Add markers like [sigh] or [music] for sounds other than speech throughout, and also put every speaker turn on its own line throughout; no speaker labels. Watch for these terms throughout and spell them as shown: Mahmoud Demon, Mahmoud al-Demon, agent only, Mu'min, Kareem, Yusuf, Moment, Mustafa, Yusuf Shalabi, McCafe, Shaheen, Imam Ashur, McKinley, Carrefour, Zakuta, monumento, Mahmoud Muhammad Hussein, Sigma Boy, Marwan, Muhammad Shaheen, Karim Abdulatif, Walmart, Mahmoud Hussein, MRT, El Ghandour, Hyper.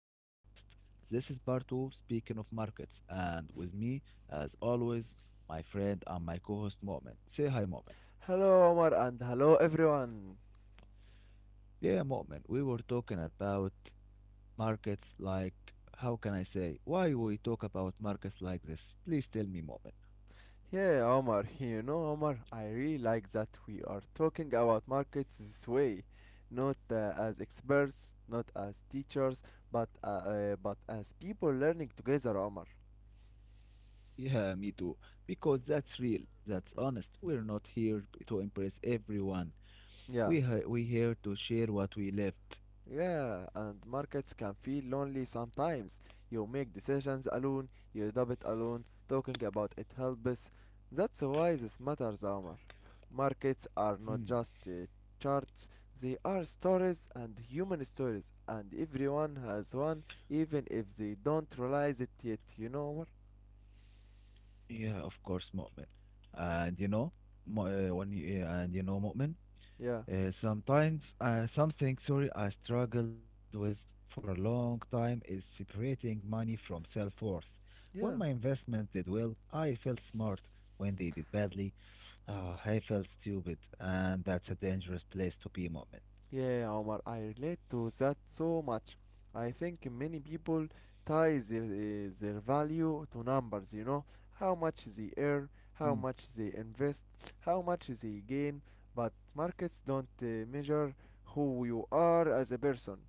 to our podcast. This is part two. Speaking of markets, and with me, as always, my friend and my co host, Moment. Say hi, Moment.
Hello, Omar, and hello, everyone.
Yeah, Moment, we were talking about markets, how can I say, why we talk about markets like this? Please tell me, Moment.
Yeah, Omar, you know, Omar, I really like that we are talking about markets this way, not as experts, not as teachers, but as people learning together, Omar.
Yeah, me too. Because that's real, that's honest. We're not here to impress everyone,
Yeah.
we here to share what we lived.
Yeah, and markets can feel lonely sometimes. You make decisions alone, you debate alone, talking about it helps. That's why this matters, Omar. Markets are not
[clears throat]
just charts, they are stories and human stories, and everyone has one, even if they don't realize it yet, you know, Omar?
Yeah, of course, Mu'min. And you know, when you, yeah, and you know, Mu'min,
Yeah,
sometimes sorry, I struggled with for a long time is separating money from self-worth. When
yeah.
my investments did well, I felt smart. When they did badly, I felt stupid, and that's a dangerous place to be, Mu'min.
Yeah, Omar, I relate to that so much. I think many people tie their, their value to numbers, you know, how much they earn, how much they invest, how much they gain, but markets don't measure who you are as a person.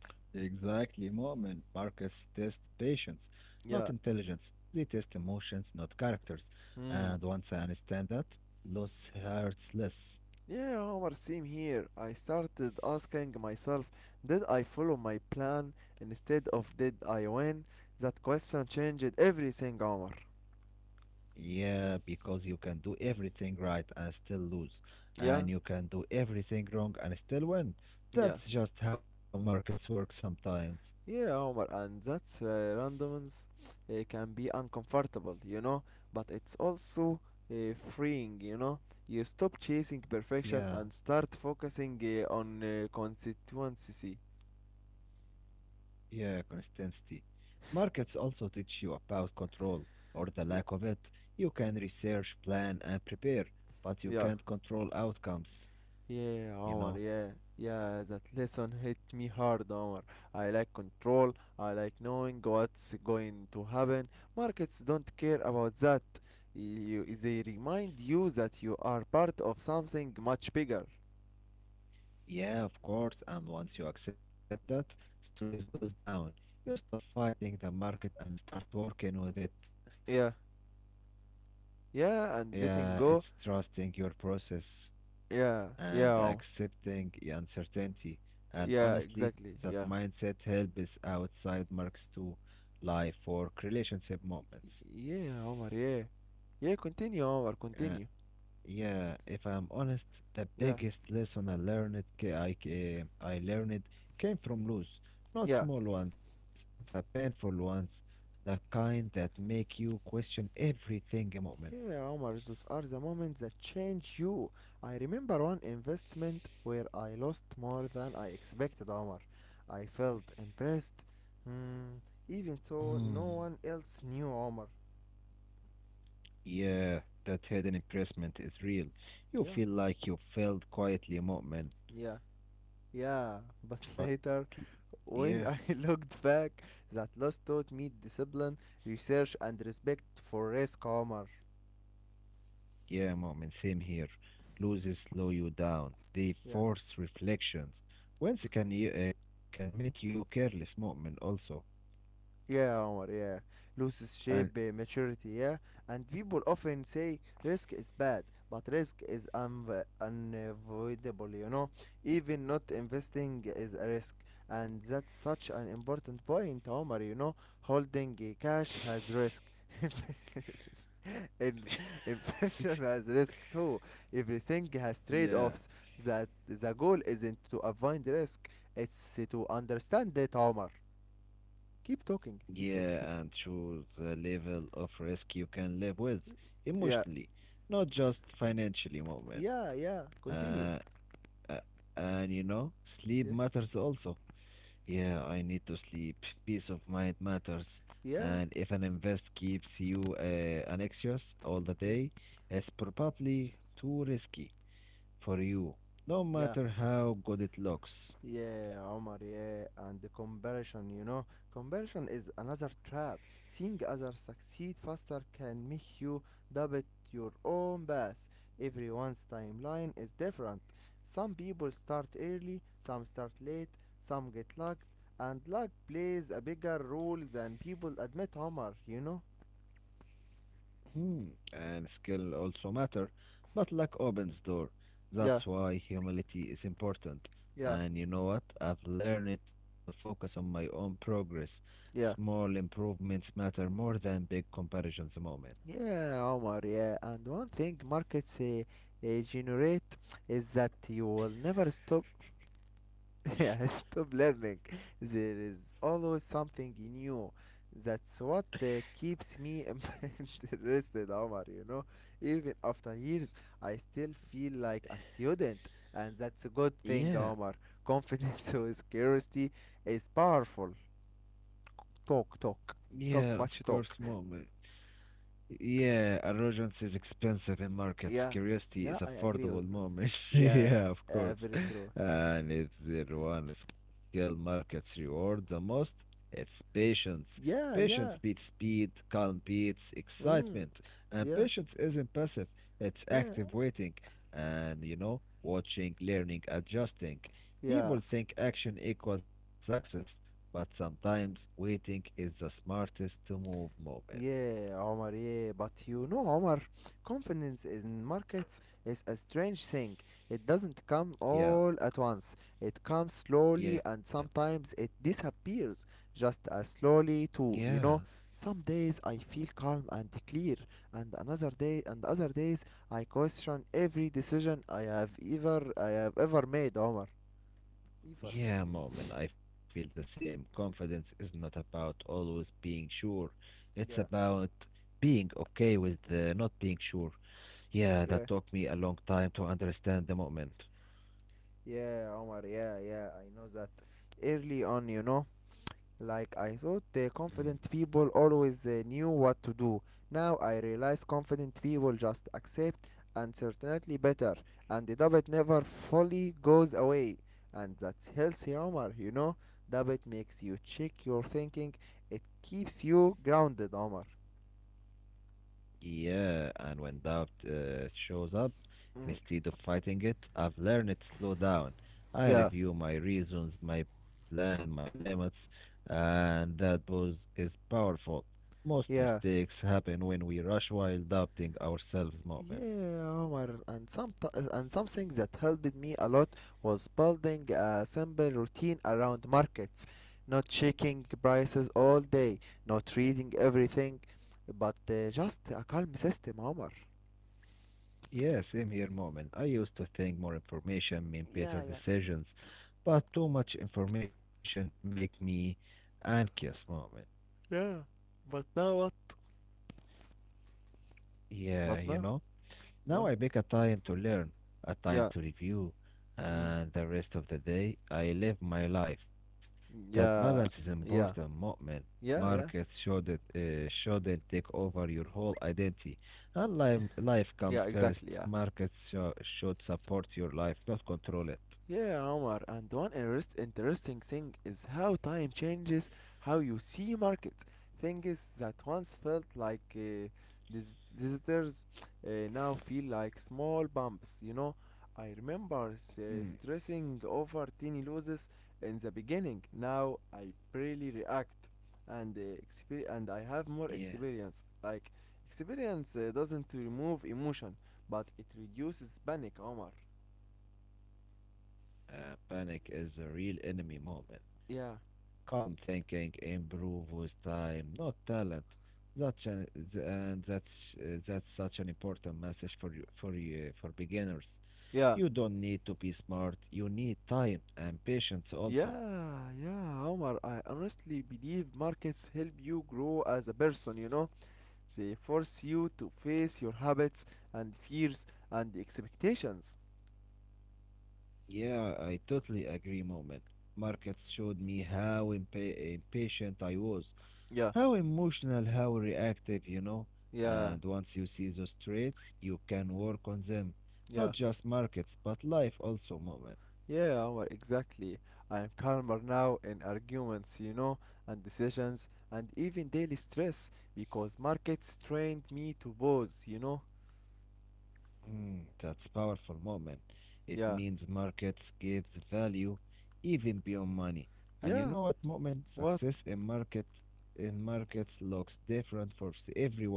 Exactly, Moment. Markets test patience, not intelligence.
Yeah.
They test emotions, not characters. And once
Hmm.
I understand that, loss hurts less.
Yeah, Omar, same here. I started asking myself, did I follow my plan instead of did I win? That question changed everything, Omar.
Yeah, because you can do everything right and still lose, and
Yeah,
you can do everything wrong and still win.
yeah.
That's just how markets work sometimes.
Yeah, Omar, and that randomness can be uncomfortable, you know, but it's also freeing, you know. You stop chasing perfection
Yeah.
and start focusing on constituency.
Yeah, consistency. Markets also teach you about control, or the lack of
Yeah,
it. You can research, plan, and prepare, but you
yeah,
can't control outcomes,
yeah,
you know?
Omar, yeah, yeah, that lesson hit me hard, Omar. I like control, I like knowing what's going to happen. Markets don't care about that. You, they remind you that you are part of something much bigger.
Yeah, of course. And once you accept that, stress goes down. You stop fighting the market and start working with it.
Yeah. Yeah,
Yeah,
and
it's
letting go.
trusting your process
Yeah,
and
yeah, Omar.
accepting the uncertainty. And
Yeah,
honestly,
exactly.
that
Yeah,
mindset helps outside marks to life for relationship moments.
yeah, Omar. Yeah, yeah. Continue, Omar.
Uh,
Continue.
yeah, if I'm honest, the
Yeah,
biggest lesson I learned, ca- I learned came from lose, not
yeah,
small ones, the painful ones, the kind that make you question everything a moment.
yeah, Omar. Those are the moments that change you. I remember one investment where I lost more than I expected, Omar. I felt impressed, hmm, even
Hmm.
though no one else knew, Omar.
Yeah, that hidden impressment is real. You feel
Yeah,
like you failed quietly, Mu'min,
yeah. Yeah, but [laughs]
But l-
later,
yeah,
when I [laughs] looked back, that loss taught me discipline, research, and respect for risk, Omar.
yeah, mom, and same here. Loses slow you down. They
Yeah.
force reflections. Whence can you can make you careless, moment also.
Yeah, Omar, yeah.
And
Loses shape, maturity, yeah. And people often say risk is bad, but risk is unavoidable, you know. Even not investing is a risk. And that's such an important point, Omar, you know. Holding cash has risk. [laughs] In- Inflation has risk too. Everything has trade
yeah,
offs. That the goal isn't to avoid risk, it's to understand it, Omar. Keep talking, keep
yeah, and
talking.
choose the level of risk you can live with
Yeah.
emotionally, not just financially, moment.
Yeah, yeah. Continue.
Uh, uh, and you know, sleep
Yeah.
matters also. Yeah, I need to sleep. Peace of mind matters. And
Yeah.
if an invest keeps you anxious all the
Yeah.
day, it's probably too risky for you, no
Yeah.
matter how good it looks.
Yeah, Omar, yeah. And the conversion, you know. Conversion is another trap. Seeing others succeed faster can make you doubt your own path. Everyone's timeline is different. Some people start early, some start late, some get lucked, and luck plays a bigger role than people admit, Omar, you know?
Hmm. And skill also matter, but luck opens door.
Yeah,
That's why humility is important.
yeah,
And you know what? I've learned to focus on my own progress. Small
yeah.
improvements matter more than big comparisons, Moment.
Yeah, Omar, yeah. And one thing markets generate is that you will never stop [laughs] yeah, stop learning. There is always something new. That's what keeps me [laughs] interested, Omar, you know. Even after years, I still feel like a student, and that's a good thing,
Yeah.
Omar. Confidence [laughs] with curiosity is powerful. Talk,
Yeah,
talk,
of
talk,
course,
much
Moment.
talk.
Yeah, arrogance is expensive in markets.
Yeah,
Curiosity is
yeah, I
affordable,
agree with that.
Moment. [laughs]
Yeah,
Yeah, of course.
very true.
And if there one skill markets reward the most, it's patience. Patience
Yeah, yeah,
beats
yeah.
speed, calm beats excitement.
Mm,
And patience
yeah,
isn't passive, it's active
yeah,
waiting. And you know, watching, learning, adjusting.
yeah.
People think action equals success, but sometimes waiting is the smartest to move, Moment.
Yeah, Omar, yeah, but you know, Omar, confidence in markets is a strange thing. It doesn't come
Yeah.
all at once, it comes slowly
Yeah,
and sometimes it disappears just as slowly, too.
yeah,
You know, some days I feel calm and clear, and another day, and other days I question every decision I have ever made, Omar. Ever.
yeah, Moment, I feel the same. Confidence is not about always being sure. It's about
Yeah,
being okay with not being sure. Yeah, that took
yeah,
me a long time to understand the moment.
yeah, Omar, yeah, yeah, I know that early on, you know. Like I thought,
Hmm.
the confident people always knew what to do. Now I realize confident people just accept uncertainty better, and the doubt never fully goes away. And that's healthy Omar, you know? Doubt makes you check your thinking, it keeps you grounded, Omar.
Yeah, and when doubt shows up,
Mm.
instead of fighting it, I've learned to slow down. I
Yeah,
review my reasons, my plan, my limits, and that pause is powerful. Most mistakes
yeah.
happen when we rush while doubting ourselves, Moment.
Yeah, Omar, and something that helped me a lot was building a simple routine around markets, not checking prices all day, not reading everything, but just a calm system, Omar.
Yeah, same here, Moment. I used to think more information mean better
Yeah, yeah.
decisions, but too much information make me anxious, Moment.
Yeah. But now what?
Yeah, you
But
know?
now,
Now I
huh?
pick a time to learn, a time
Yeah.
to review,
Mm.
and the rest of the day I live my life. That balance is
Yeah.
important,
Yeah.
Mu'min. Markets
Yeah. Yeah.
shouldn't take over your whole identity. And life comes
Yeah.
first.
Exactly. Yeah.
Markets should support your life, not control it.
Yeah, Omar, interesting thing is how time changes how you see markets. Things that once felt like visitors now feel like small bumps, you know. I remember
Mm,
stressing over tiny losses in the beginning. Now I barely react and and I
yeah.
have more experience. Like experience doesn't remove emotion, but it reduces panic, Omar.
Panic is a real enemy, Mu'min.
Yeah.
Calm thinking improve with time, not talent. That's an, th- and that's That's such an important message for beginners. You
Yeah.
don't need to be smart. You need time and patience also.
Yeah, yeah, Omar. I honestly believe markets help you grow as a person, you know. They force you to face your habits and fears and expectations.
Yeah, I totally agree, Moment. Markets showed me how impatient I was,
Yeah,
how emotional, how reactive, you know. And
yeah,
once you see those traits, you can work on them. Not
yeah.
just markets, but life also, Moment.
Yeah, Omar, exactly. I am calmer now in arguments, you know, and decisions and even daily stress because markets trained me to pause, you know.
Mm, that's powerful, Moment. It
Yeah,
means markets gives value even beyond money. And you
yeah,
know what, Moment?
what?
Success in markets looks different for everyone.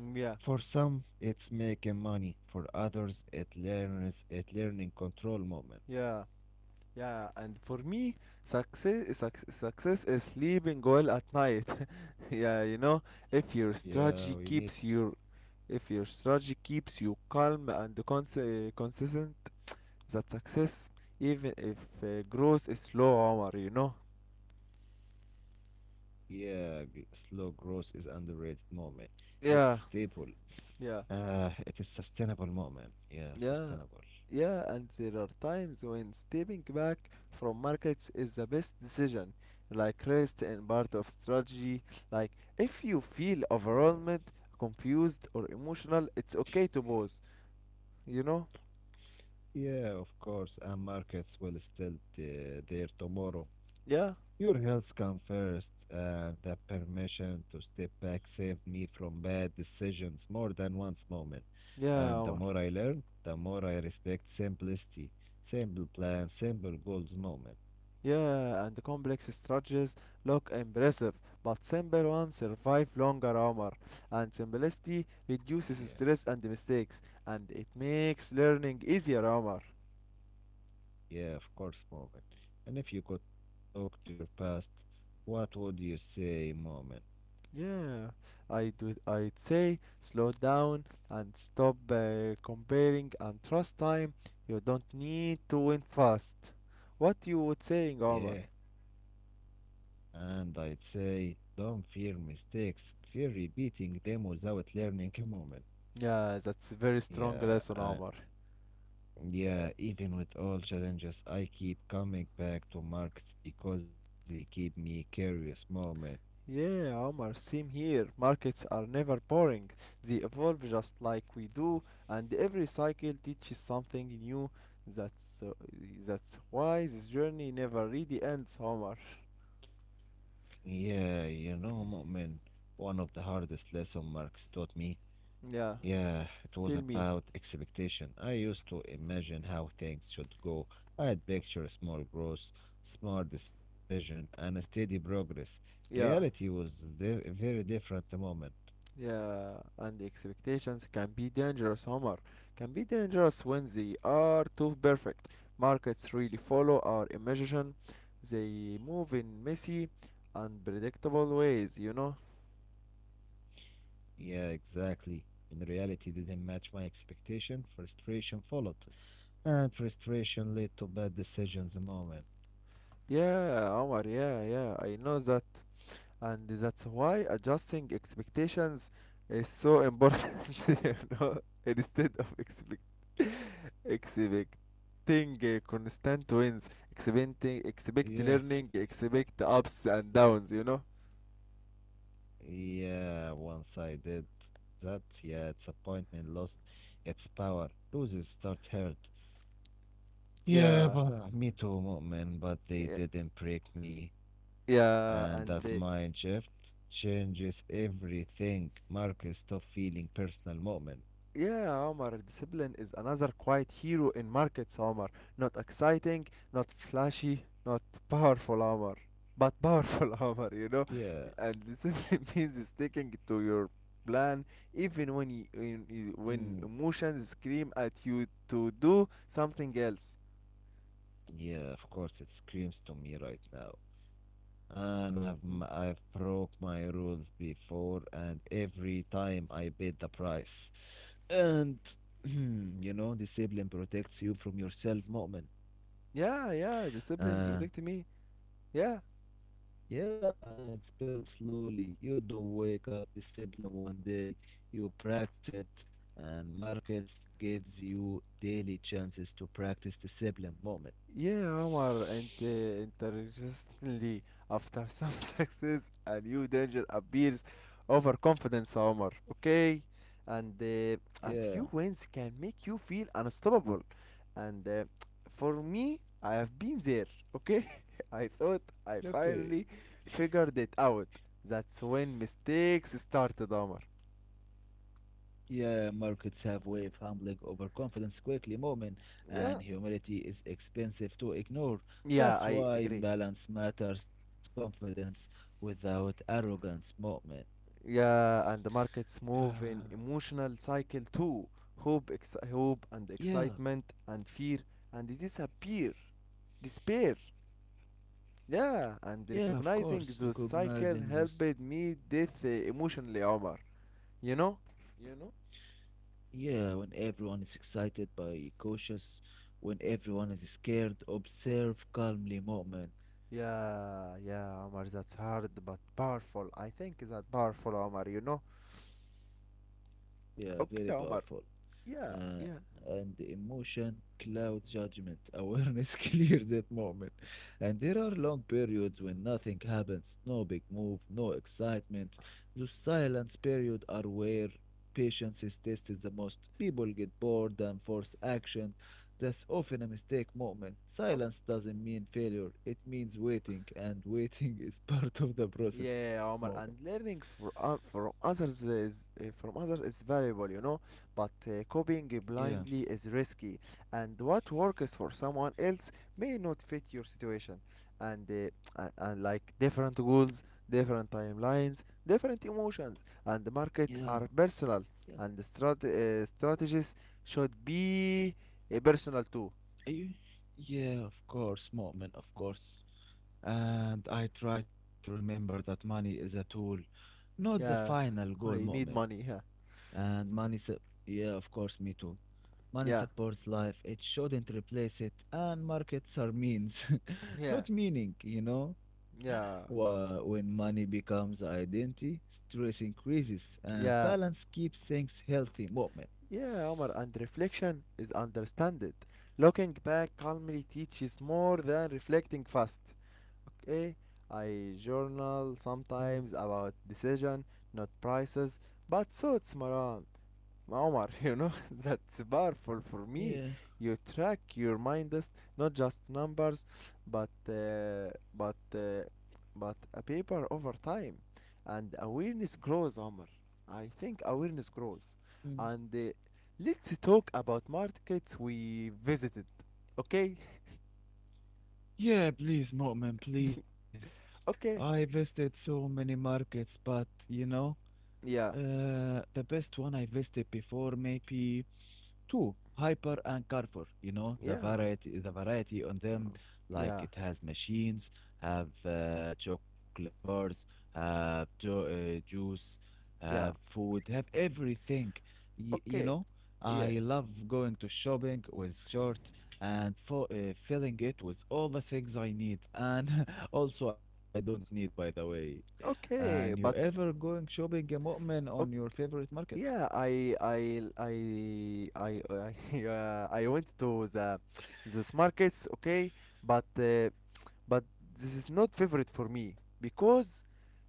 Mm,
For
yeah,
some, it's making money. For others, it learning control, Moment.
yeah. Yeah, and for me, success is sleeping well at night. [laughs] yeah, you know, if
Yeah,
your
we need.
strategy keeps your if your strategy keeps you calm and consistent, that success, even if growth is slow, Omar, you know.
Yeah, slow growth is underrated, Moment. It's
Yeah,
stable.
yeah.
It is sustainable, Moment. Yeah,
Yeah,
sustainable.
yeah, and there are times when stepping back from markets is the best decision, like rest and part of strategy. Like, if you feel
Yeah.
overwhelmed, confused, or emotional, it's okay to pause, you know?
Yeah, of course, and markets will still be there tomorrow.
Yeah,
Your health comes first, and the permission to step back saved me from bad decisions more than once, Moment. And
yeah,
the
Omar.
more I learn, the more I respect simplicity, simple plan, simple goals, Moment.
Yeah, and the complex strategies look impressive, but simple ones survive longer, Omar. And simplicity
Yeah,
reduces stress and mistakes, and it makes learning easier, Omar.
yeah, of course, Moment. And if you could talk to your past, what would you say, Moment?
Yeah, I'd say slow down and stop comparing and trust time. You don't need to win fast. What you would saying, Omar?
Yeah. And I'd say, don't fear mistakes, fear repeating them without learning a moment.
Yeah, that's a very strong
Yeah,
lesson,
uh,
Omar.
yeah, even with all challenges, I keep coming back to markets because they keep me curious, Moment.
Yeah, Omar, same here. Markets are never boring. They evolve just like we do, and every cycle teaches something new. That's uh, that's why this journey never really ends, Omar.
Yeah, you know, Moment, one of the hardest lessons marks taught me,
Yeah,
yeah, it was
tell
about
me.
expectation. I used to imagine how things should go. I had picture small growth, smart decision, and a steady progress. Reality
Yeah,
was di- very different the moment.
yeah, and the expectations can be dangerous, Omar. Can be dangerous when they are too perfect. Markets really follow our imagination; they move in messy, unpredictable ways, you know?
Yeah, exactly. In reality, didn't match my expectation. Frustration followed, and frustration led to bad decisions. The moment.
Yeah, Omar, yeah, yeah, I know that. And that's why adjusting expectations is so important, [laughs] you know, instead of expecting. Expecting constant wins, expecting, expect
Yeah,
learning, expect ups and downs, you know.
yeah. Once I did that, yeah, disappointment lost its power. Loses start hurt. Yeah,
Yeah,
but me too, Mu'min, but
yeah,
they didn't break me. And
yeah
that
and
mind shift changes everything. Marcus, stop feeling personal, Mu'min.
Yeah, Omar, discipline is another quiet hero in markets, Omar, not exciting, not flashy, not powerful, Omar, but powerful, [laughs] Omar, you know.
Yeah,
And discipline [laughs] means sticking to your plan even
mm,
when emotions scream at you to do something else.
yeah, of course, it screams to me right now. And I've broke my rules before, and every time I paid the price. And, [clears throat] you know, discipline protects you from yourself, Mu'min.
Yeah, yeah, discipline protect me. Yeah,
Yeah, and it's built slowly. You don't wake up discipline one day. You practice it, and markets gives you daily chances to practice discipline, Moment.
yeah, Omar, and interestingly, after some [laughs] success, a new danger appears, overconfidence, Omar. Okay, and a few
Yeah.
wins can make you feel unstoppable. And for me, I have been there. Okay, [laughs] I thought I
Okay.
finally figured it out. That's when mistakes started, Omar.
Yeah, markets have way of humbling overconfidence quickly, Moment,
Yeah,
and humility is expensive to ignore.
yeah,
That's
I agree.
why balance matters. Confidence without arrogance, Moment.
Yeah, and the
Yeah.
markets move in emotional cycle too. Hope, hope and
Yeah.
excitement and fear and disappear, despair. Yeah, and
Yeah. Of course,
recognizing those
recognizing
cycle
this.
helped me death emotionally, Omar. You know? You know?
Yeah, when everyone is excited by cautious, when everyone is scared,
Mm.
observe calmly, Moment.
Yeah, yeah, Omar, that's hard but powerful. I think that powerful, Omar, you know?
Yeah, very
Okay,
powerful.
Omar.
Uh,
Yeah, yeah.
and the emotion cloud judgment. [laughs] Awareness clears that moment. And there are long periods when nothing happens, no big move, no excitement. Those silence periods are where patience is tested the most. People get bored and force action. That's often a mistake, Moment. Silence doesn't mean failure. It means waiting, and waiting [laughs] is part of the process,
Yeah,
Moment.
Omar, and learning from others is valuable, you know, but copying
Yeah.
blindly is risky, and what works for someone else may not fit your situation, and and like different goals, different timelines, different emotions, and the
Yeah,
market are
yeah.
personal, and the strategies should be personal too.
You, yeah, of course, Mu'min, of course. And I try to remember that money is a tool, not the final
Yeah,
goal, Mu'min.
I need money. Yeah,
And money, su- yeah, of course, me too. Money
yeah,
supports life, it shouldn't replace it. And markets are means, [laughs]
yeah,
not meaning, you know?
yeah.
When money becomes identity, stress increases, and balance
Yeah,
keeps things healthy, Mu'min.
yeah, Omar, and reflection is understanded. Looking back calmly teaches more than reflecting fast. Okay, I journal
Mm,
sometimes about decision, not prices, but thoughts, Maran. Omar, you know, [laughs] that's powerful for
yeah.
me. You track your mindest, not just numbers, but uh, but uh, but a paper over time, and awareness grows, Omar. I think awareness grows,
Mm.
and let's talk about markets we visited. Okay,
Yeah, please, Mu'min, please.
[laughs]
I
okay,
visited so many markets, but you know,
yeah,
the best one I visited before, maybe. Two, Hyper and Carrefour, you know,
yeah,
the variety on them, like
yeah,
it has machines, have chocolate bars, have juice, have food,
yeah.
have everything. You know,
Okay,
I
yeah,
love going to shopping with short and filling it with all the things I need, and [laughs] also I don't need, by the way. And you
okay,
ever
but.
going shopping, a moment on your
ok,
favorite market?
Yeah, I I I [laughs] yeah, I went to the those markets, okay, but uh, but this is not favorite for me because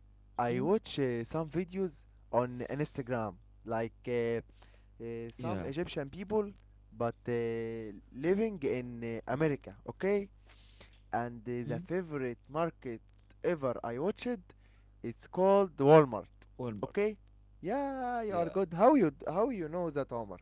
Mhm.
I watch some videos on Instagram, like uh,
Yeah.
some Egyptian people, but living in America, okay, and the
Mhm.
favorite market ever I watched, it's called
Walmart.
Walmart, okay.
Yeah,
Yeah, you are good. How you, how you know that, Omar?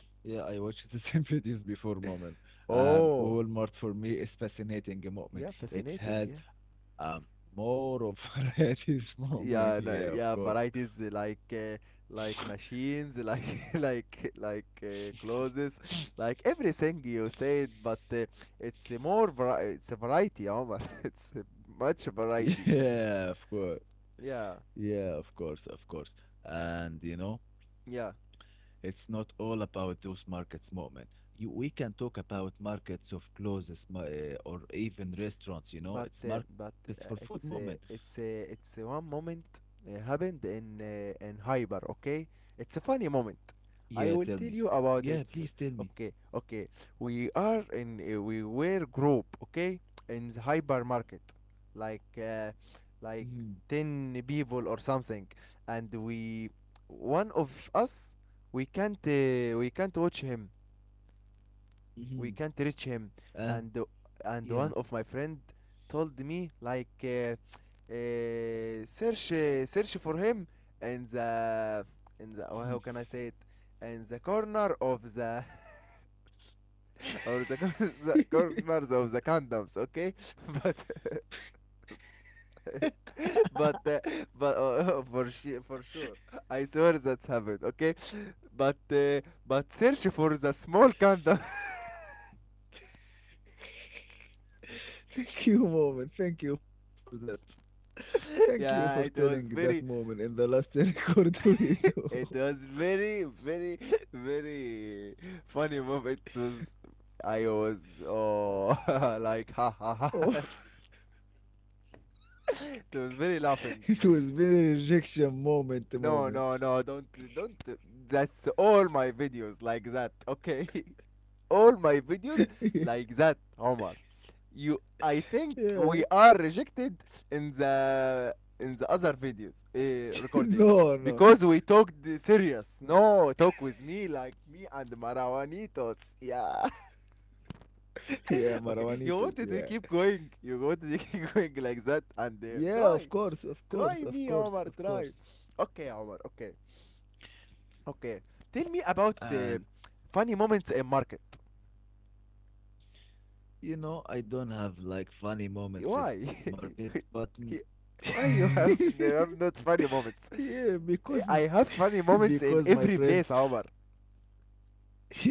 yeah, I watched the same [laughs] videos before, Moment. And
Oh
Walmart for me is fascinating,
yeah,
Moment. It
fascinating,
has
yeah.
um more of [laughs] varieties, Moment. Yeah, of
Yeah, no,
course.
yeah, varieties, like machines, [laughs] like clothes, like everything you said, but it's a it's a variety, Omar. [laughs] It's a much variety,
Yeah, of course.
yeah,
Yeah, of course, of course. And you know,
yeah.
it's not all about those markets, Moment. You, we can talk about markets of clothes, or even restaurants. You
but
know,
uh,
it's
but
markets for
uh,
food,
it's
Moment.
uh, it's uh, it's uh, one moment happened in hyper, okay. It's a funny moment.
Yeah,
I
tell
will
me.
tell you about
Yeah,
it.
please tell me.
Okay, okay, we are in we were group, okay, in the hypermarket, like uh, like
Mm-hmm.
10 people or something. And we, one of us, we can't watch him, we can't
Mm-hmm.
reach him. and
Uh,
and one of my
yeah.
friend told me like, search for him in the, in the,
[laughs] Thank
oh, how can I say it, in the corner of the, [laughs] or the, the corners of the condoms, okay. [laughs] But [laughs] but uh, but [laughs] for sure, for sure, I swear that's happened, okay. But uh, but search for the small condom.
you, Moment. Thank you for that.
[laughs]
Thank
Yeah,
you
it
for
was
telling
very,
that moment in the last [laughs] record we
[laughs]
do.
it was very, very, very funny moment. It was, I was, oh, [laughs] like, ha ha ha. [laughs]
Oh,
It was very laughing.
[laughs] it was been a rejection moment to
No,
moment.
no, no, don't, don't. That's all my videos like that, okay? [laughs] All my videos like that,
[laughs]
Omar. You, I think we are
yeah. [laughs]
rejected in the, in the other videos, recording,
No, no.
because we talked the
[laughs]
serious.
no.
No, talk with me like me and Marawanitos. Yeah. [laughs] Okay,
Yeah,
you wanted to
Marwanitos.
keep
Yeah.
going. You wanted to [laughs] keep going like that and
Yeah,
try, try me, Omar.
of
Try.
course.
Okay, Omar. Okay, okay. Tell me about
And
funny moments in market.
you know, I don't have like funny
Why?
moments in market, but mm,
[laughs]
[laughs]
Why you have
mm,
have not funny moments?
yeah, because
Eh, I have funny
[laughs]
moments in
because
every place, Omar.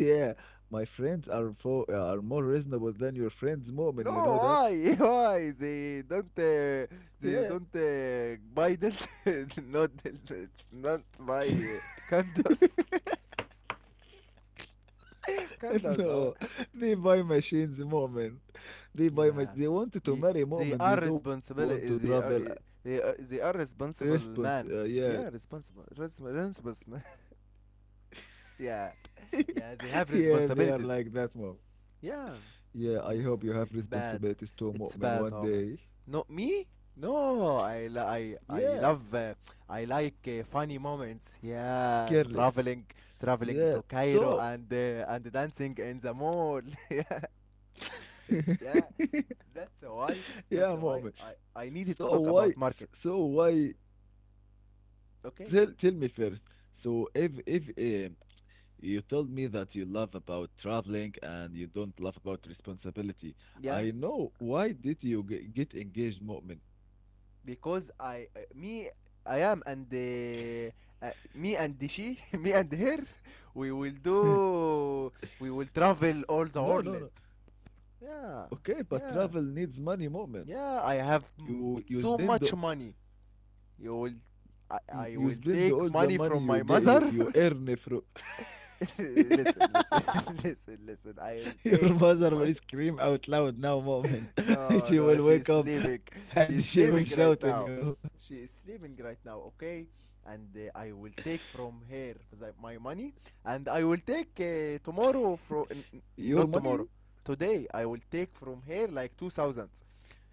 [laughs] yeah, my friends are for are more reasonable than your
No,
friends' moment. You know
why? [laughs]
that?
Why they don't
Yeah.
buy that? [laughs] Not, not buy
[laughs]
candles. [laughs] Candles, Omar.
No, they buy machines, Moment.
Yeah,
They
Ye-
wanted to
they are
marry moment. They
responsible.
don't
Eh,
want to
they are, eh,
travel.
they are responsible man.
Yeah,
Yeah, responsible, responsible, [laughs] yeah, yeah.
[laughs]
They have
yeah, they are
responsibilities.
like that, mom.
Yeah.
Yeah, I
Mm,
hope you
it's
have
bad.
responsibilities
It's
too,
bad,
Mu'min,
Omar.
one day.
No, me? No, I
S-
lo- I I
Yeah,
love, I like funny moments. Yeah,
careless.
traveling,
Yeah,
traveling to
so.
Cairo and dancing in the mall. [laughs] Yeah, yeah.
[laughs]
That's why, that's
Yeah,
why
Mu'min.
I I
So
needed to talk
why?
about market.
So why? Tell me
Okay?
first. So if you told me that you love about traveling and you don't love about responsibility,
Yeah,
I know why did you get engaged, Mu'min?
because I, me I am, and me and she, [laughs] me and her, we will
[laughs]
do, we will travel all the
no, no,
world.
no.
Yeah,
Okay, but
yeah,
travel needs money, Mu'min.
yeah.
You you spend
So much money. You will,
You
I,
spend
I
all
will
the money
take
you
money
get
from
you
my
you
mother.
earn from
[laughs]
[laughs]
Listen, listen, [laughs] listen, listen. I
Your
will take
mother will
my,
scream out loud now, Mu'min. [laughs]
no,
She
no,
will
she's
wake up
sleeping.
and she
She's
will
sleeping
shout on
right
you.
now. She is sleeping right now, okay? And I will take from her my money, and I will take tomorrow from n- n-
Your
not
money?
tomorrow, today. I will take from her like 2,000,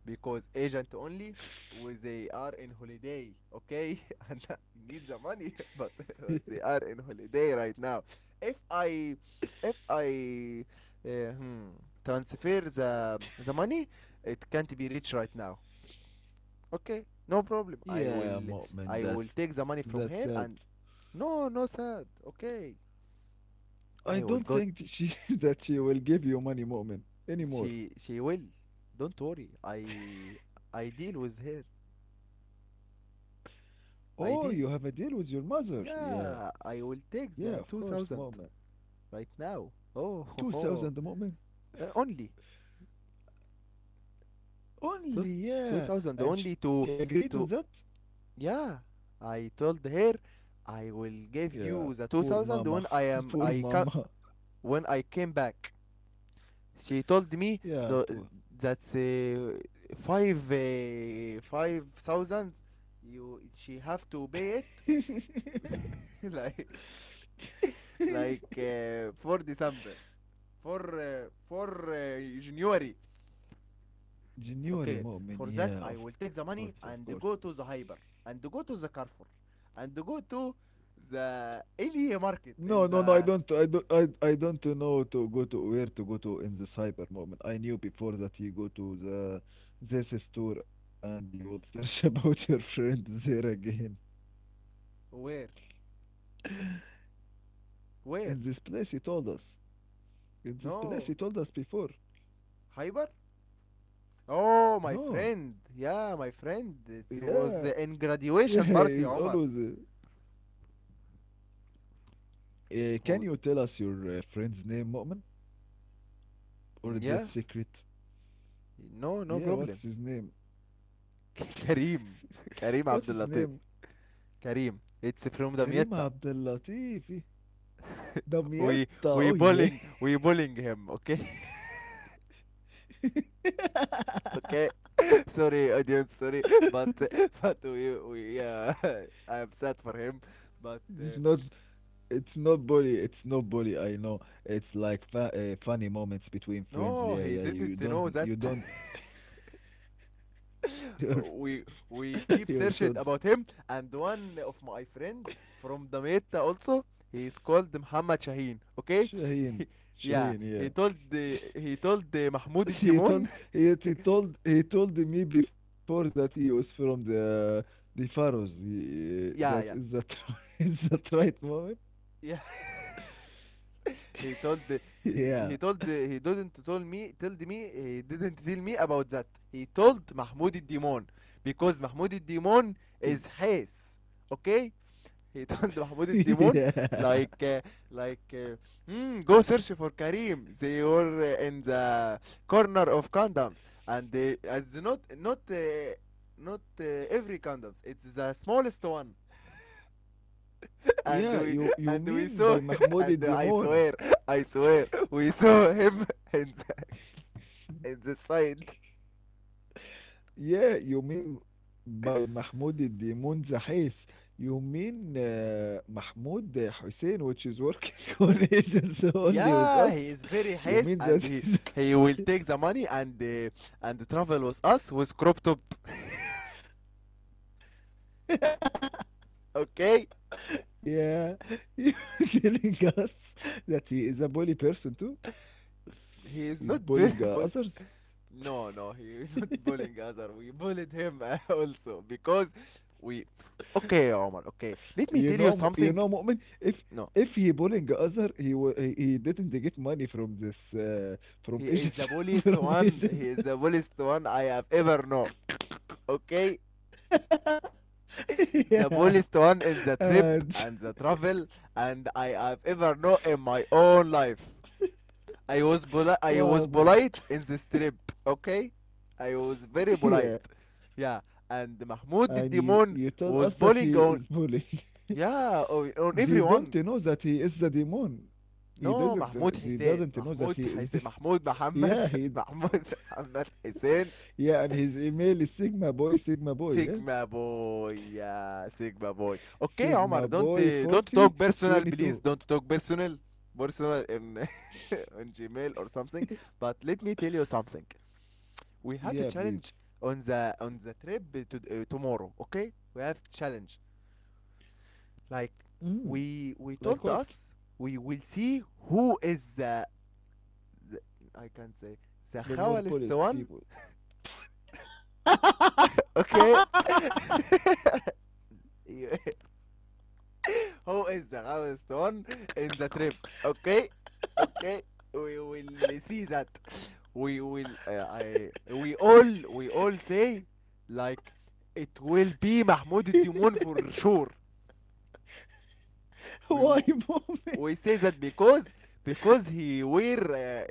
because agent only, when they are in holiday, okay. [laughs] And I need the money. [laughs] But
[laughs]
they are in holiday right now. If i if i uh, hmm, transfer the money, it can't be reached right now. Okay, no problem. i
Yeah,
will
Mu'min,
i
that's
will take the money from
that's
here.
sad.
And no, no sad, okay. I
I
will go.
don't think that she [laughs] that she will give you money, Mu'min,
She
anymore.
will, don't worry, I deal with her, I
Oh,
deal.
you have a deal with your mother? Yeah,
Yeah, I will take the
yeah, of course,
2000
Mu'min.
right now. Oh, [laughs] ho,
Two
ho.
thousand, Mu'min?
Only two,
Only,
2000
yeah.
only
And
to
she agreed on
to
that?
yeah. I told her I will give
Yeah,
you the
poor
2000
mama.
when I
[laughs]
am
Poor
I come,
mama.
when I came back. She told me the
Yeah, poor.
that's 5 5,000 you, she have to pay
[laughs]
it, [laughs] like, for December, for January. Okay,
January
for that
moment.
I will
Yeah,
take
of
the money
course, of
and
course.
go to the hyper, and go to the Carrefour, and go to the any market
No,
in
no, no. I
the,
don't. I don't. I don't know to go to where to go to in this hyper moment. I knew before that you go to the this store and you will search [laughs] about your friend there again.
where,
[laughs] In
where.
this place, he told us. In this
No,
place, he told us before.
hyper. Oh, my friend,
No.
yeah, my friend, it was
Yeah. [laughs]
in
Yeah.
graduation
He's
party,
always.
Omar.
Can
Oh,
you tell us your friend's name, Mu'min? Or is that
yes,
secret?
no, no
Yeah,
problem.
what's his name? [laughs]
[laughs] Karim,
What's
Karim
his name?
Abdulatif, Karim, it's
Karim
from Damietta.
Abdellatifi. Damietta.
We
Oh
we
yeah.
bullying, we bullying him, okay.
[laughs]
[laughs] Okay, [laughs] sorry audience, sorry, but but we [laughs] I am sad for him,
It's
but
not it's not bully. It's not bully. I know. It's like funny moments between friends.
no,
Yeah,
he
yeah. You
didn't know
don't
that.
you don't [laughs] you're
[laughs] we
[laughs]
we
you're
keep
such
searching about him, and one of my friend from Damietta also, he is called Muhammad Shaheen, okay.
Shaheen.
[laughs]
Shaheen,
Yeah,
yeah.
he told the Mahmoud
[laughs] He told
Demon. [laughs]
he told me before that he was from the Faroes. That is that
Yeah, yeah,
[laughs] is that right, moment.
yeah.
[laughs]
He told the- he
Yeah.
he told the- he didn't tell me told me he didn't tell me about that. He told Mahmoud Demon, because Mahmoud Demon
It,
is his. Okay? He
[laughs]
told, [laughs] Mahmoud Demon,
yeah.
like uh, like, "Hmm, go search for Karim. They were in the corner of condoms, and they, not not not every condoms. It's the smallest one,
Yeah, you
and
you
we
mean
and
by
we saw,
Mahmoud
[laughs] and
al-Demon.
I swear, I swear we saw him, [laughs] in the, in the side.
Yeah, you mean by Mahmoud al-Demon Zahis. You mean Mahmoud Hussein, which is working [laughs] on agents only with
Yeah,
us.
he is very
You
haste,
mean
and
that
he will take the money and travel with us with crop top.
is [laughs]
Okay,
Yeah, [laughs] you're telling us that he is a bully person too.
he is not
He's
[laughs]
bullying others.
no, no, he is [laughs] not
[laughs]
bullying us, or we bullied him, [laughs] also because we okay, Omar, okay, let
You
me tell
know,
you
You know,
something.
Mu'min. If
No,
if he bullying other, he wa- he didn't get money from this from
he is the
Egypt [laughs]
bulliest
from
one,
Egypt.
he is the bulliest one I have ever know, okay.
[laughs] yeah,
The boldest one in the
and [laughs]
trip and the travel, and I have ever known in my own life. I
wow,
was
Mu'min.
polite in this trip, okay? I was very polite.
Yeah,
Yeah, and
and you
Mahmoud the
you tell
Demon
us that he
was
is
bullying on,
bullying. [laughs]
yeah,
they
on
don't know that
everyone.
he is the demon. He doesn't.
No,
He
Mahmoud
doesn't
Hussein,
know that he
Mahmoud
is the
Hussein, Mahmoud
yeah,
Muhammad,
he
[laughs] Mahmoud Muhammad Hussein.
Yeah, and his email is Sigma Boy, Sigma Boy, yeah?
Sigma boy, yeah, Sigma boy. Okay,
Sigma
Omar,
Boy
don't, don't
40,
talk personal,
22.
please. Don't talk personal, personal in, [laughs] on Gmail or something.
[laughs]
But let me tell you something. We have a
Yeah, please.
challenge on the, on the trip to, tomorrow. Okay, we have challenge. Like,
Mm, like what?
we told us we will see who is the, I can't say, the
The more
khawalist
polished
one.
people. [laughs]
Okay. [laughs] You, who is the highest one in the trip? Okay, okay. We will see that. We will. I. We all. We all say, like, it will be Mahmoud Demon for sure.
Why,
We w-
moment?
we say that because he wear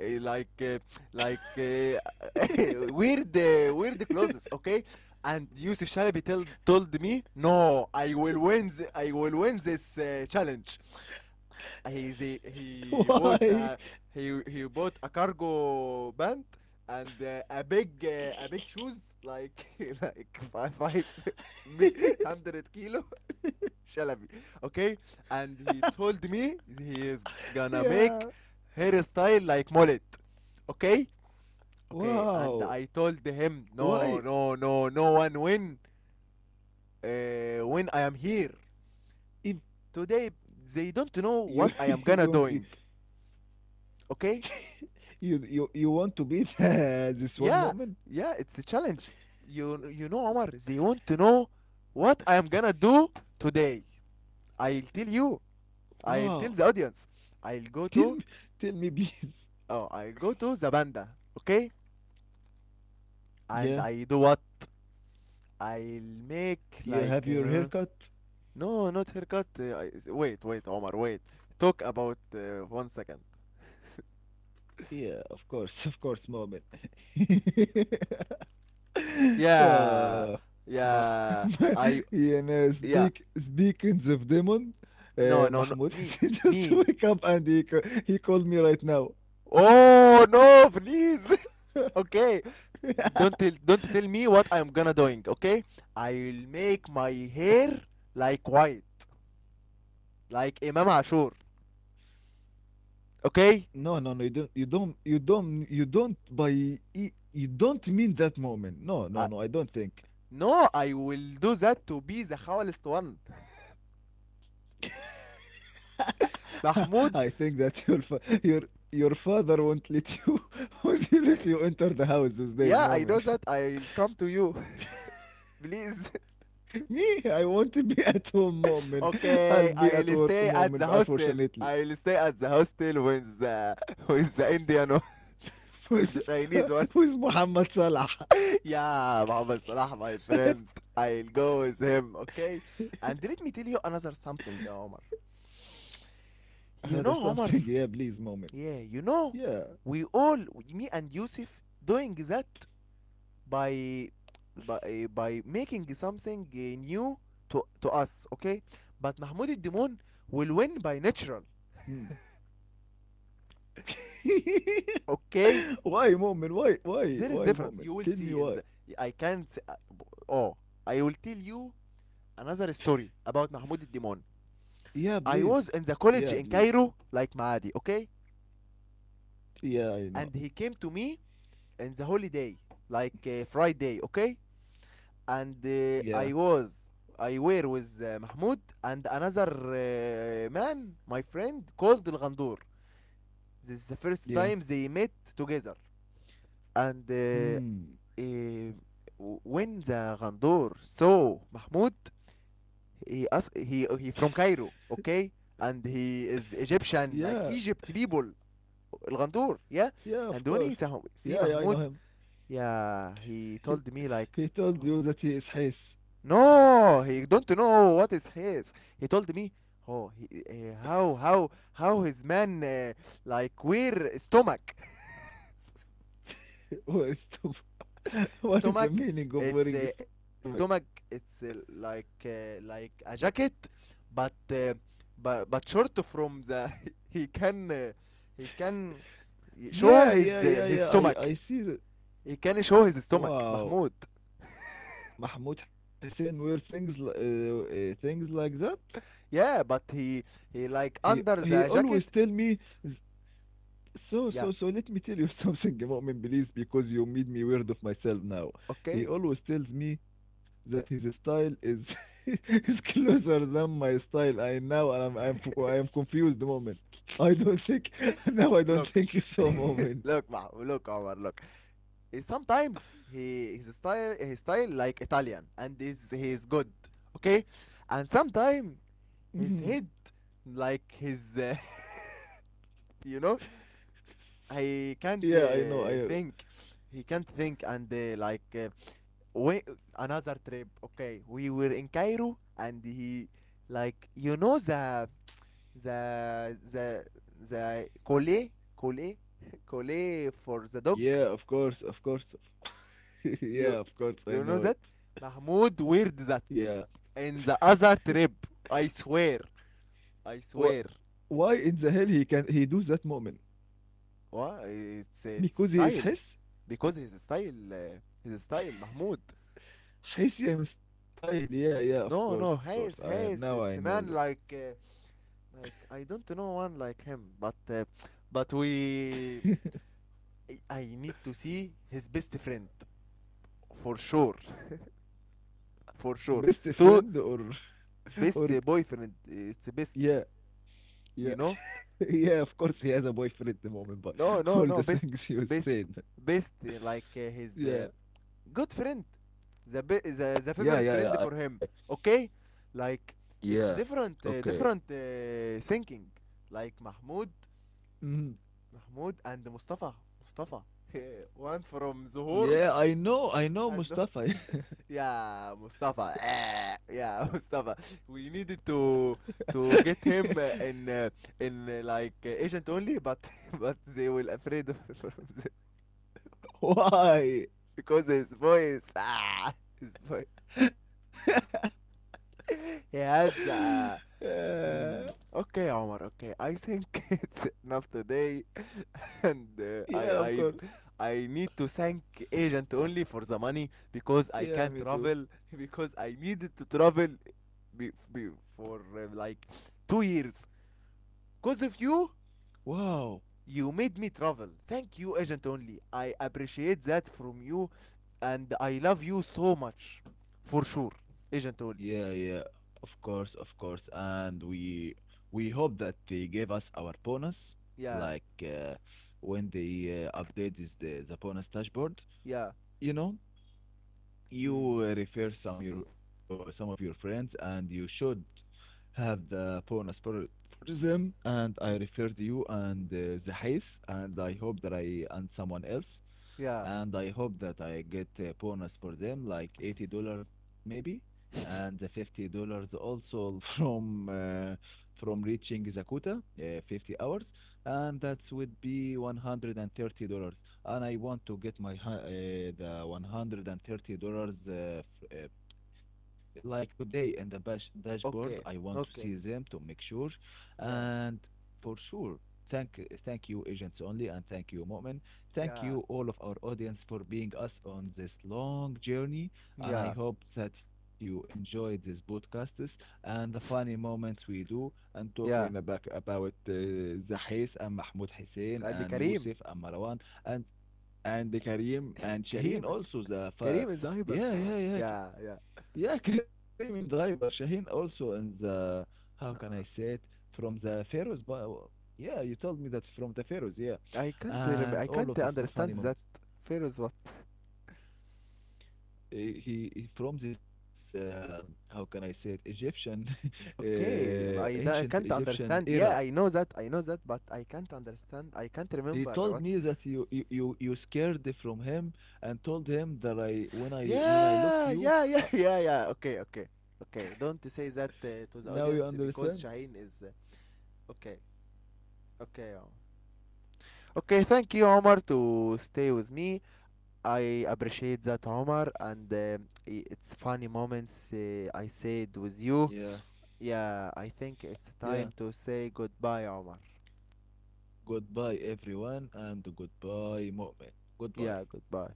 like uh, [laughs]
[laughs]
weird, weird clothes. Okay. And Yusuf Shalabi told me, no, I will win. I will win this challenge. He bought
Why?
a, he bought a cargo pant, and a big shoes, like, [laughs] like five, five, [laughs] me-
[laughs]
hundred kilo, [laughs] Shalabi, okay. And he told me he is gonna
Yeah.
make hairstyle like mullet, okay, okay. And
Wow.
I told him no,
Why?
no, no, no one win, when I am here
If
today. They
you
don't
[laughs]
know
you
what I am
you
gonna doing, okay.
you want to beat [laughs] this one
Yeah,
moment?
yeah, it's a challenge. You know, Omar, they want to know what I am gonna do today. I'll tell you.
Wow.
I'll tell the audience. I'll
Tell
go
me,
to,
tell me, please.
oh, I'll go to the banda, okay? And
Yeah.
I do what? I'll
You
make
have your
like,
haircut.
no, not haircut. I, wait, wait, Omar, wait. Talk about 1 second.
Yeah, of course, [laughs] of course, moment. [laughs]
Yeah,
yeah, ma, ma,
yeah. I,
يعني
yeah.
speaking of demon, Mahmoud
No, no,
Hassan
no.
[laughs] just
Me,
wake up
me,
and he called me right now.
oh no, please. [laughs]
[laughs]
Okay, don't tell me what I'm gonna doing. Okay, I'll make my hair like white, like Imam Ashur.
No,
Okay.
no, no, you don't you don't mean that moment. No, no,
Uh,
no, I don't think.
no, I will do that to be the howlest one.
[laughs]
[laughs]
I think
Mahmoud,
that your father won't let you, [laughs] won't let you enter the house with this
yeah, I
moment.
know that. I'll come to you. [laughs] Please. [laughs]
[laughs] Me, I want to be [laughs] at home moment. I'll be at
Okay,
work
I'll
moment,
stay at the
unfortunately.
hostel. I'll stay at the hostel with the, [laughs] with the Indian one,
[laughs]
[laughs]
With,
with the
[laughs]
Chinese one.
with Muhammad Salah.
Yeah, Mohammed Salah, my friend. I'll go with him, okay? And let me tell you another something, Omar.
[laughs] Another
You
something,
know,
yeah,
Omar,
please moment.
yeah, you know,
Yeah.
we all, me and Yusuf, doing that by, by making something new to us, okay? But Mahmoud Demon will win by natural,
Mm. [laughs]
okay?
why moment? Why? Why?
There is
Why
difference.
moment?
You will
Tell me
see in
why.
the. I can't. Oh, I will tell you another story about Mahmoud Demon.
Yeah, please.
I was
Yeah,
in the
please.
college in Cairo, like Maadi, okay?
Yeah, I know.
And he came to me in the holiday, like Friday, okay? And
Yeah.
I was, I were with Mahmoud and another man, my friend, called El Ghandour. This is the
Yeah.
first time they met together. And
Hmm.
uh, when the Ghandour saw Mahmoud, he asked, he from Cairo, okay? And he is
Yeah.
Egyptian, like Egypt people. الغندور, yeah.
Yeah, of
And
course.
when he saw,
Yeah,
see
yeah, I know
Mahmoud,
him. [laughs]
yeah, he
He,
told me like,
he told
oh,
you that he is his.
no, he don't know what is his. He told me, oh, he, how his man, like where stomach.
[laughs] Where is to [laughs]
[laughs]
What is the
Stomach,
meaning of
it's
wearing a stomach?
stomach, it's like uh, like a jacket, but but short from the, [laughs] he can uh, he can
Yeah,
show
yeah,
his,
yeah, yeah.
his
I
stomach,
see that.
he can show his stomach,
Wow,
Mahmoud.
Mahmoud Hussein wear things things like that.
Yeah, but he
He
he like
he
under
always
the
tell me.
jacket.
z-
Yeah,
Let me tell you [laughs] something, Mu'min, please, because you made me weird of myself now. He
okay.
always tells me that his style is [laughs] is closer than my style. I now I am confused,
[laughs]
Mu'min. I don't think [laughs] now. I don't think
Look,
so, Mu'min.
[laughs] look, ma, look, Omar, look. Eh, sometimes he his style, his style like Italian, and is, he's good, okay. And sometimes his head like his, [laughs] you
[laughs]
know, I
Yeah,
can't
I know. I
think he can't think, and like we another trip. Okay, we were in Cairo, and he, like, you know, the the collet collet [laughs] collet for the dog.
yeah, of course, of course. [laughs]
You
Yeah, of course, I
you know
know it.
that Mahmoud weird that
Yeah.
in the other trip. I swear,
What?
I swear.
Why in the hell he do that moment?
What? It's
Because he
it's
is
style,
his
because his style, his style Mahmoud.
Hessian style. Yeah, yeah, of course, of
No,
course.
no,
I
Hayes,
now I know
Hayes,
that.
it's a man like, like I don't know one like him, but we
[laughs]
I need to see his best friend for sure, [laughs] for
Best
sure.
friend or
To
[laughs] or
best, boyfriend, it's
yeah,
the best,
yeah,
you
[laughs]
know?
yeah. Of course, he has a boyfriend at the moment, but [laughs] all
No,
the
no, no,
things
best,
you
best,
said.
best. Uh, like, his,
Yeah,
good friend, the the favorite
yeah.
friend for
I,
him. Okay, like,
yeah.
it's
Okay.
different, different thinking. Like Mahmoud,
Mhm.
Mahmoud and Mustafa, Mustafa. [laughs] One from Zuhur,
Yeah, I know,
I don't.
Mustafa. [laughs]
Yeah, Mustafa. Eh, yeah, [laughs] Mustafa. We needed to get him uh,
[laughs]
in uh, in uh, like uh, agent only, but [laughs] but they will afraid of, [laughs] from the,
Why?
because his voice. Ah, his voice.
[laughs]
He has.
yeah,
Mm, okay, Omar. Okay, I think [laughs] it's enough today. And
yeah,
uh,
of
I
course.
I I need to thank agent only for the money, because I
Yeah,
can't
me too.
travel, [laughs] because I needed to travel, be, be, for like 2 years. Cause of you,
Wow.
you made me travel. Thank you, agent only. I appreciate that from you, and I love you so much, for sure, agent
Yeah,
only.
yeah, of course, of course. And we hope that they gave us our bonus, like
Yeah,
when they updated the bonus dashboard.
yeah,
You know,
mm.
you refer some of your friends and you should have the bonus for them and I referred
Mm.
you and I hope that I and someone else
Yeah.
and I hope that I get a bonus for them, like $80 maybe, and the $50 also [laughs] from reaching Zakuta, 50 hours, and that would be $130. And $30. And I want to get my the $130 f- uh, like today in the bash dashboard I want to
Okay,
see them to
okay.
make sure and
Yeah,
for sure thank you agents only and thank you Mo'min thank you
yeah,
all of our audience for being us on this long journey and I
yeah,
hope that you enjoyed this podcasts and the funny moments we do and talking
yeah.
about Zahis and Mahmoud Hussein and
And
Yusuf
Karim,
and Marwan and Karim and Shaheen
Karim,
also
Kareem is a hyper.
yeah yeah
[laughs]
yeah
Yeah, yeah.
yeah, [laughs] Kareem and Hyper Shaheen also in the how can I say it
Uh-uh.
from the Pharaohs, but yeah, you told me that from the Pharaohs, yeah,
I can't
and
rem-
all
I
of this
can't
funny moment.
understand that. Feroz what?
From this how can I say it Egyptian [laughs]
Okay,
ancient
I
Egyptian
can't
era.
understand. Yeah, I know that. I know that, but I can't understand. I can't
He told
remember
me
what.
that you scared from him and told him that I when I looked
Yeah,
you
yeah,
uh,
yeah, [laughs] yeah, yeah. Okay, okay, okay. Don't say that
now you
to the
understand.
audience because Shaheen is okay. Okay. Omar. Okay, thank you, Omar, to stay with me. I appreciate that, Omar, and it's funny moments I said with
Yeah,
you. Yeah, I think
yeah.
it's time to say goodbye, Omar.
Goodbye, everyone, and goodbye, Mu'min. Goodbye.
Yeah, goodbye.